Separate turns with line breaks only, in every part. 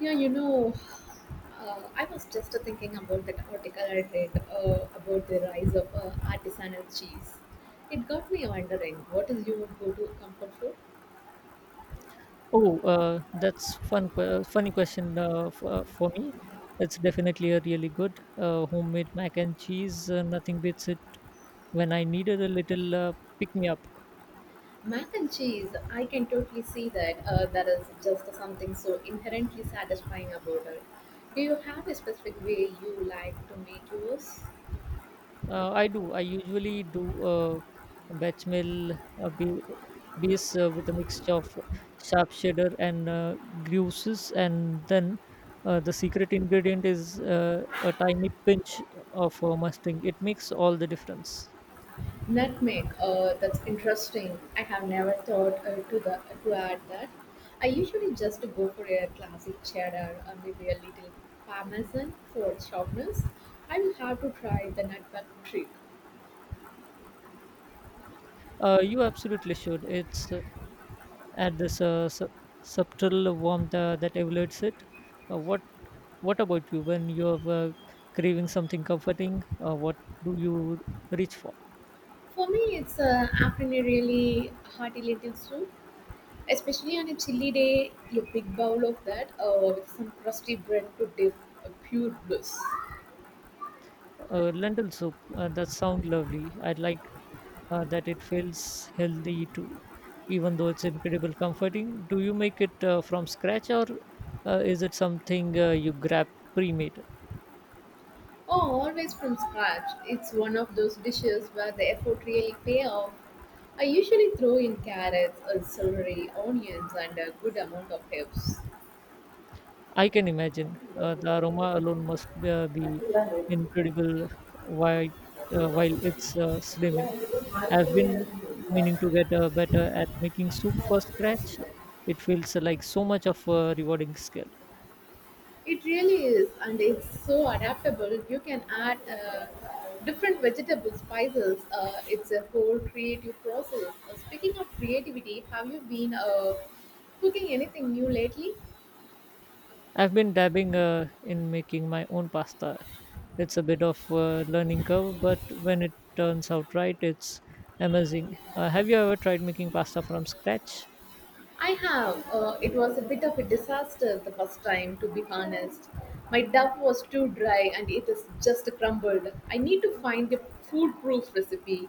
Yeah, you know, I was just thinking about that article I read about the rise of artisanal cheese. It got me wondering, what is your go-to comfort food?
Oh, that's fun. Funny question for me. It's definitely a really good homemade mac and cheese. Nothing beats it. When I needed a little pick me up,
Mac and cheese, I can totally see that. There is just something so inherently satisfying about it. Do you have a specific way you like to make yours?
I do. I usually do a batch meal uh, ba- base with a mixture of sharp cheddar and gruyses, and then the secret ingredient is a tiny pinch of mustard. It makes all the difference.
Nutmeg. That's interesting. I have never thought to the to add that. I usually just go for a classic cheddar or maybe a little parmesan for sharpness. I will have to try the nutmeg trick.
You absolutely should. It's add this subtle warmth that elevates it. Uh, what What about you? When you're craving something comforting, what do you reach for?
For me, it's often a really hearty little soup, especially on a chilly day. A big bowl of that with some crusty bread to dip. A pure bliss.
Lentil soup. That sounds lovely. I like that it feels healthy too, even though it's incredible comforting. Do you make it from scratch or is it something you grab pre-made?
Oh, always from scratch. It's one of those dishes where the effort really pay off. I usually throw in carrots, celery, onions, and a good amount of herbs.
I can imagine. The aroma alone must be incredible while, while it's slimming. I've been meaning to get better at making soup for scratch. It feels like so much of a rewarding skill.
It really is, and it's so adaptable. You can add different vegetable spices. It's a whole creative process. Speaking of creativity, have you been cooking anything new lately?
I've been dabbing in making my own pasta. It's a bit of a learning curve, but when it turns out right, it's amazing. Have you ever tried making pasta from scratch?
I have. It was a bit of a disaster the first time, to be honest. My dough was too dry and it is just crumbled. I need to find a foolproof recipe.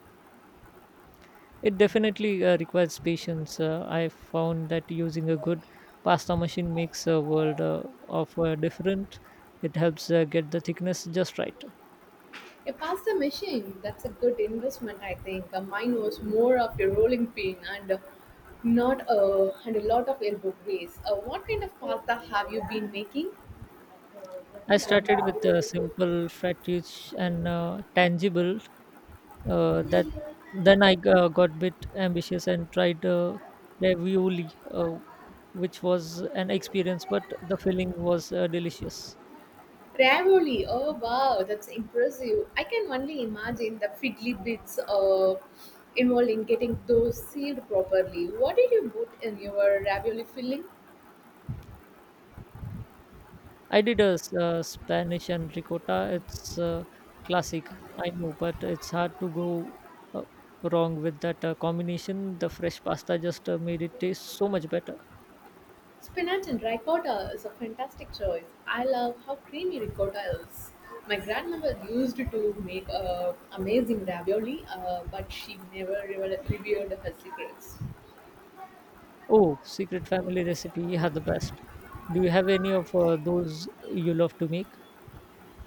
It definitely requires patience. I found that using a good pasta machine makes a world of different. It helps get the thickness just right.
A pasta machine, that's a good investment, I think. Mine was more of a rolling pin and not and a lot of elbow grease. What kind of pasta have you been making?
I started with a simple flat rich and tangible. That Then I got bit ambitious and tried ravioli, which was an experience, but the filling was delicious.
Ravioli. Oh wow, that's impressive. I can only imagine the fiddly bits involved in getting those sealed properly. What did you put in your ravioli filling?
I did a Spanish and ricotta. It's classic, I know, but it's hard to go uh, wrong with that combination. The fresh pasta just made it taste so much better.
Spinach and ricotta is a fantastic choice. I love how creamy ricotta is. My grandmother used to make amazing ravioli, but she never revealed revealed her secrets.
Oh, secret family recipe, yeah, the best. Do you have any of those you love to make?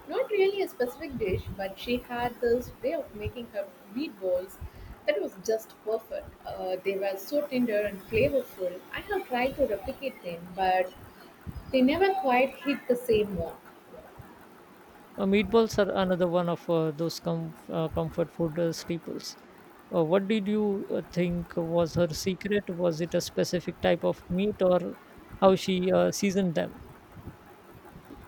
Not really a specific dish, but she had this way of making her meatballs that was just perfect. They were so tender and flavorful. I have tried to replicate them, but they never quite hit the same mark.
Meatballs are another one of those comfort food staples. What did you think was her secret? Was it a specific type of meat or how she seasoned them?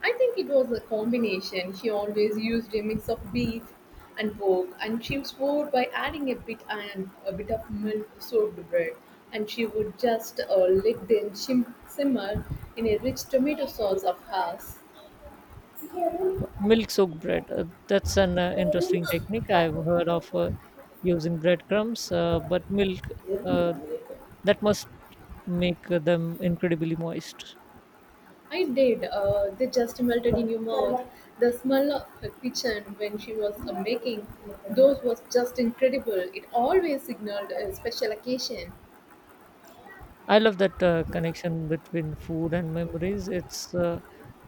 I think it was a combination. She always used a mix of beef and pork, and she swore by adding a bit of milk soaked bread. And she would just let them simmer in a rich tomato sauce of hers.
Milk soaked bread. That's an interesting technique. I've heard of using breadcrumbs, but milk uh, that must make them incredibly moist.
I did. They just melted in your mouth. The smell of her kitchen when she was making those was just incredible. It always signaled a special occasion.
I love that connection between food and memories. It's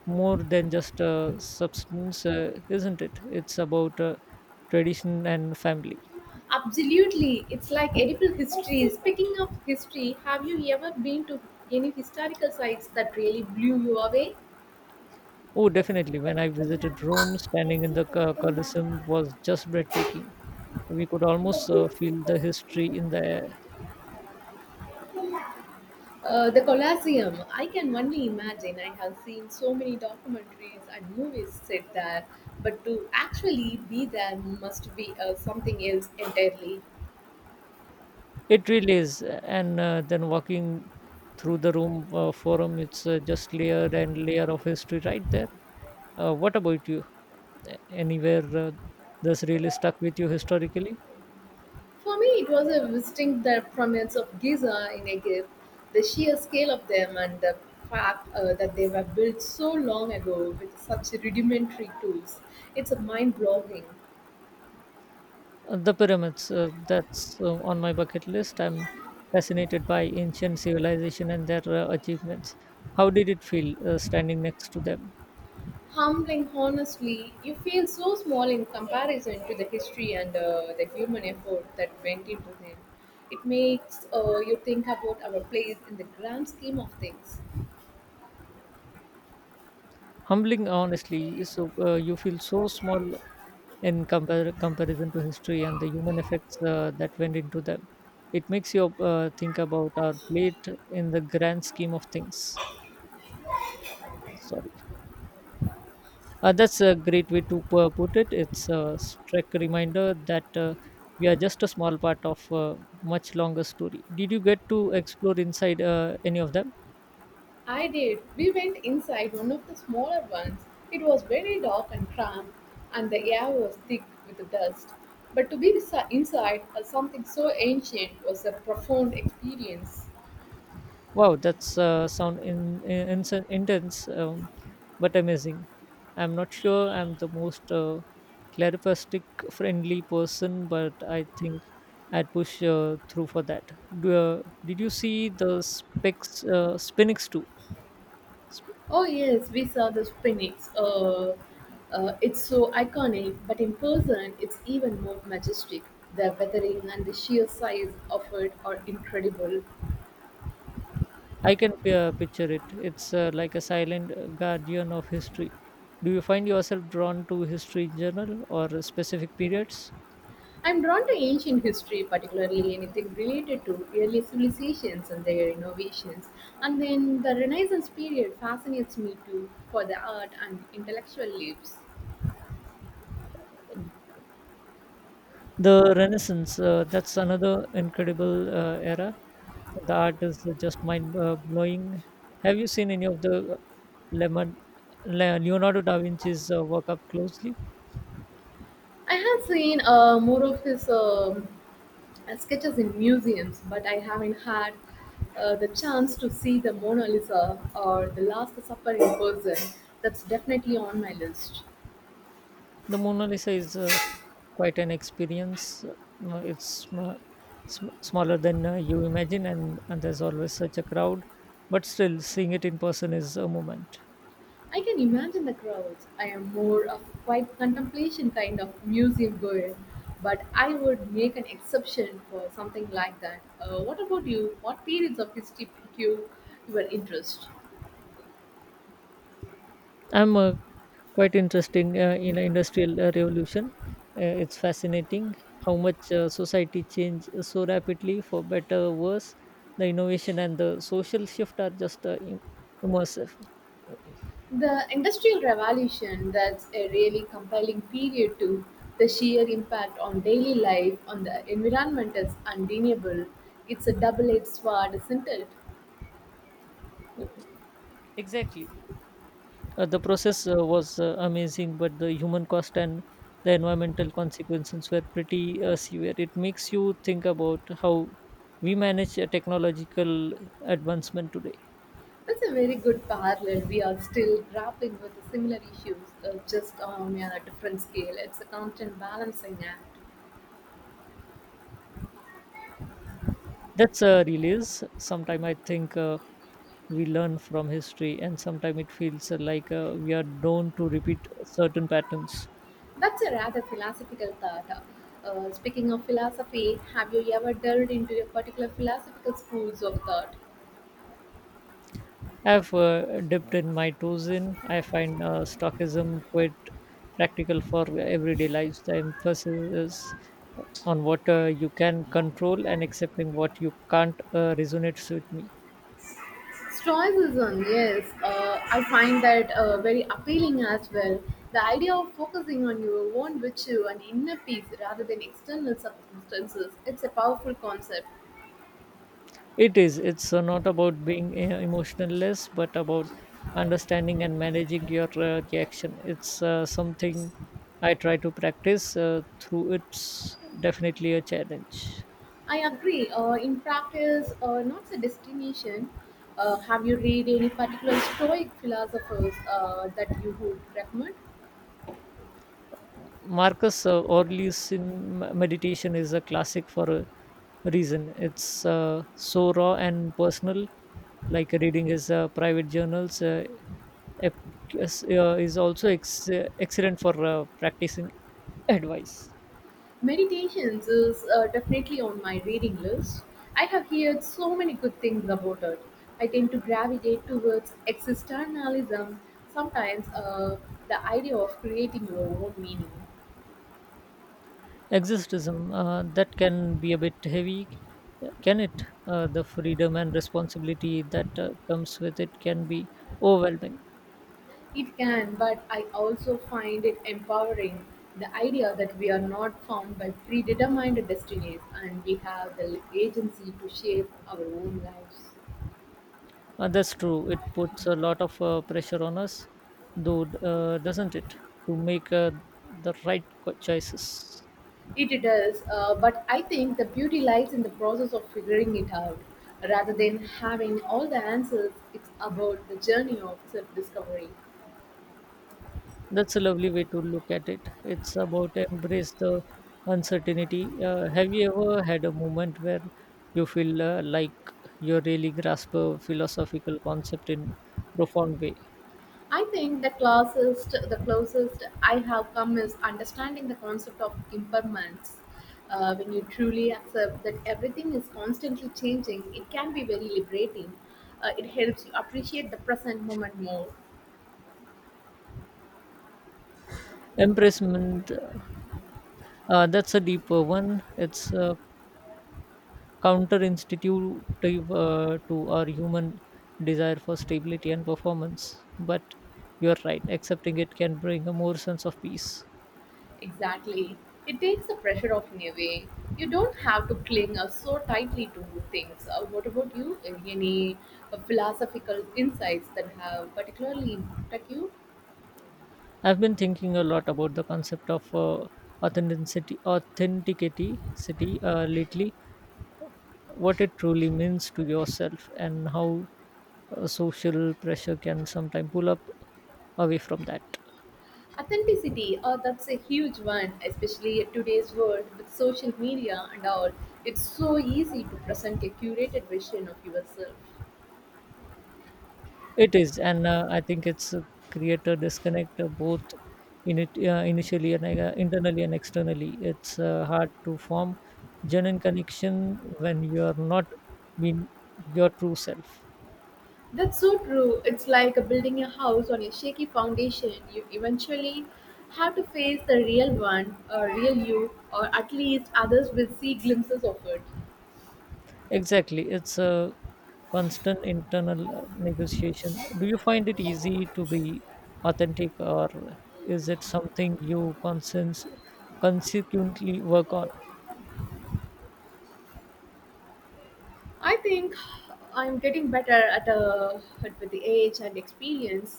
more than just a substance, isn't it? It's about tradition and family.
Absolutely, it's like edible history. Speaking of history, have you ever been to any historical sites that really blew you away?
Oh, definitely. When I visited Rome, standing in the Colosseum was just breathtaking. We could almost feel the history in the air.
The Colosseum. I can only imagine. I have seen so many documentaries and movies set there, but to actually be there must be something else entirely.
It really is, and then walking through the room forum, it's just layer and layer of history right there. What about you? Anywhere that's really stuck with you historically?
For me, it was a visiting the pyramids of Giza in Egypt. The sheer scale of them and the fact that they were built so long ago with such rudimentary tools. It's mind-blowing.
The pyramids. That's on my bucket list. I'm fascinated by ancient civilization and their achievements. How did it feel standing next to them?
Humbling, honestly, you feel so small in comparison to the history and the human effort that went into them. It makes you think about our place in the grand scheme of things.
Humbling, honestly. So you feel so small in comparison to history and the human effects that went into them. It makes you think about our plate in the grand scheme of things. Sorry. That's a great way to put it. It's a stark reminder that we are just a small part of a much longer story. Did you get to explore inside any of them?
I did. We went inside one of the smaller ones. It was very dark and cramped, and the air was thick with the dust. But to be inside something so ancient was a profound experience.
Wow, that's sound intense, but amazing. I'm not sure I'm the most clarifastic friendly person, but I think I'd push through for that. Did you see the specs, Spinix too? Sp-
Oh yes, we saw the Sphinx. It's so iconic, but in person, it's even more majestic. The weathering and the sheer size of it are incredible.
I can picture it. It's like a silent guardian of history. Do you find yourself drawn to history in general or specific periods?
I'm drawn to ancient history, particularly anything related to early civilizations and their innovations. And then the Renaissance period fascinates me too for the art and intellectual leaps.
The Renaissance, that's another incredible era. The art is just mind blowing. Have you seen any of the Lemon, Leonardo da Vinci's work up closely?
I have seen more of his sketches in museums, but I haven't had the chance to see the Mona Lisa or the Last Supper in person. That's definitely on my list.
The Mona Lisa is quite an experience. It's smaller than you imagine, and there's always such a crowd, but still, seeing it in person is a moment.
I can imagine the crowds. I am more of a quiet contemplation kind of museum goer, but I would make an exception for something like that. What about you? What periods of history piqued your interest?
I'm quite interesting in a industrial revolution. It's fascinating how much society changed so rapidly for better worse. The innovation and the social shift are just immersive.
The Industrial Revolution, that's a really compelling period too. The sheer impact on daily life on the environment is undeniable. It's a double edged sword, isn't it?
The process was amazing, but the human cost and the environmental consequences were pretty severe. It makes you think about how we manage technological advancement today.
That's a very good parallel. We are still grappling with similar issues, just on a different scale. It's a constant balancing act.
That's a release sometime I think we learn from history, and sometimes it feels like we are known to repeat certain patterns.
That's a rather philosophical thought. Speaking of philosophy, have you ever delved into a particular philosophical schools of thought?
I've dipped in my toes in. I find stockism quite practical for everyday lives. The emphasis is on what you can control and accepting what you can't resonates with me.
Stoicism, yes, I find that very appealing as well. The idea of focusing on your own virtue and inner peace rather than external circumstances, it's a powerful concept.
It is. It's not about being emotionless, but about understanding and managing your reaction. It's something I try to practice through. It's definitely a challenge.
I agree. In practice, not a destination. Have you read any particular Stoic philosophers that you would recommend?
Marcus Aurelius in meditation is a classic for a reason. It's so raw and personal. Like reading his private journals ep- is also ex- excellent for practicing advice.
Meditations is definitely on my reading list. I have heard so many good things about it. I tend to gravitate towards existentialism, sometimes the idea of creating your own meaning.
Existism, that can be a bit heavy, can it? The freedom and responsibility that comes with it can be overwhelming.
It can, but I also find it empowering, the idea that we are not found by predetermined destinies and we have the agency to shape our own lives.
That's true. It puts a lot of pressure on us, though, doesn't it, to make the right choices?
It does, but I think the beauty lies in the process of figuring it out. Rather than having all the answers, it's about the journey of self discovery.
That's a lovely way to look at it. It's about embrace the uncertainty. Have you ever had a moment where you feel like you really grasp a philosophical concept in profound way?
I think the closest I have come is understanding the concept of impermanence. When you truly accept that everything is constantly changing, it can be very liberating. It helps you appreciate the present moment more.
Empressment, that's a deeper one. It's counterinstitutive to our human desire for stability and performance. But you're right, accepting it can bring a more sense of peace.
Exactly. It takes the pressure off in a way. You don't have to cling so tightly to things. What about you? Any philosophical insights that have particularly impacted you?
I've been thinking a lot about the concept of authenticity city lately, what it truly means to yourself, and how social pressure can sometimes pull up away from that.
Authenticity, that's a huge one, especially in today's world with social media and all. It's so easy to present a curated version of yourself.
It is, and I think it's create a disconnect both in it initially and internally and externally. It's hard to form genuine connection when you are not being your true self.
That's so true. It's like building a house on a shaky foundation. You eventually have to face the real one, or real you, or at least others will see glimpses of it.
Exactly, it's a constant internal negotiation. Do you find it easy to be authentic, or is it something you consequently work on?
I think I'm getting better at with the age and experience.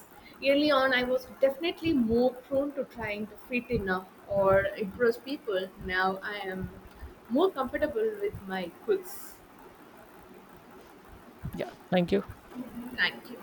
Early on, I was definitely more prone to trying to fit in or impress people. Now I am more comfortable with my quirks.
Yeah, thank you.
Thank you.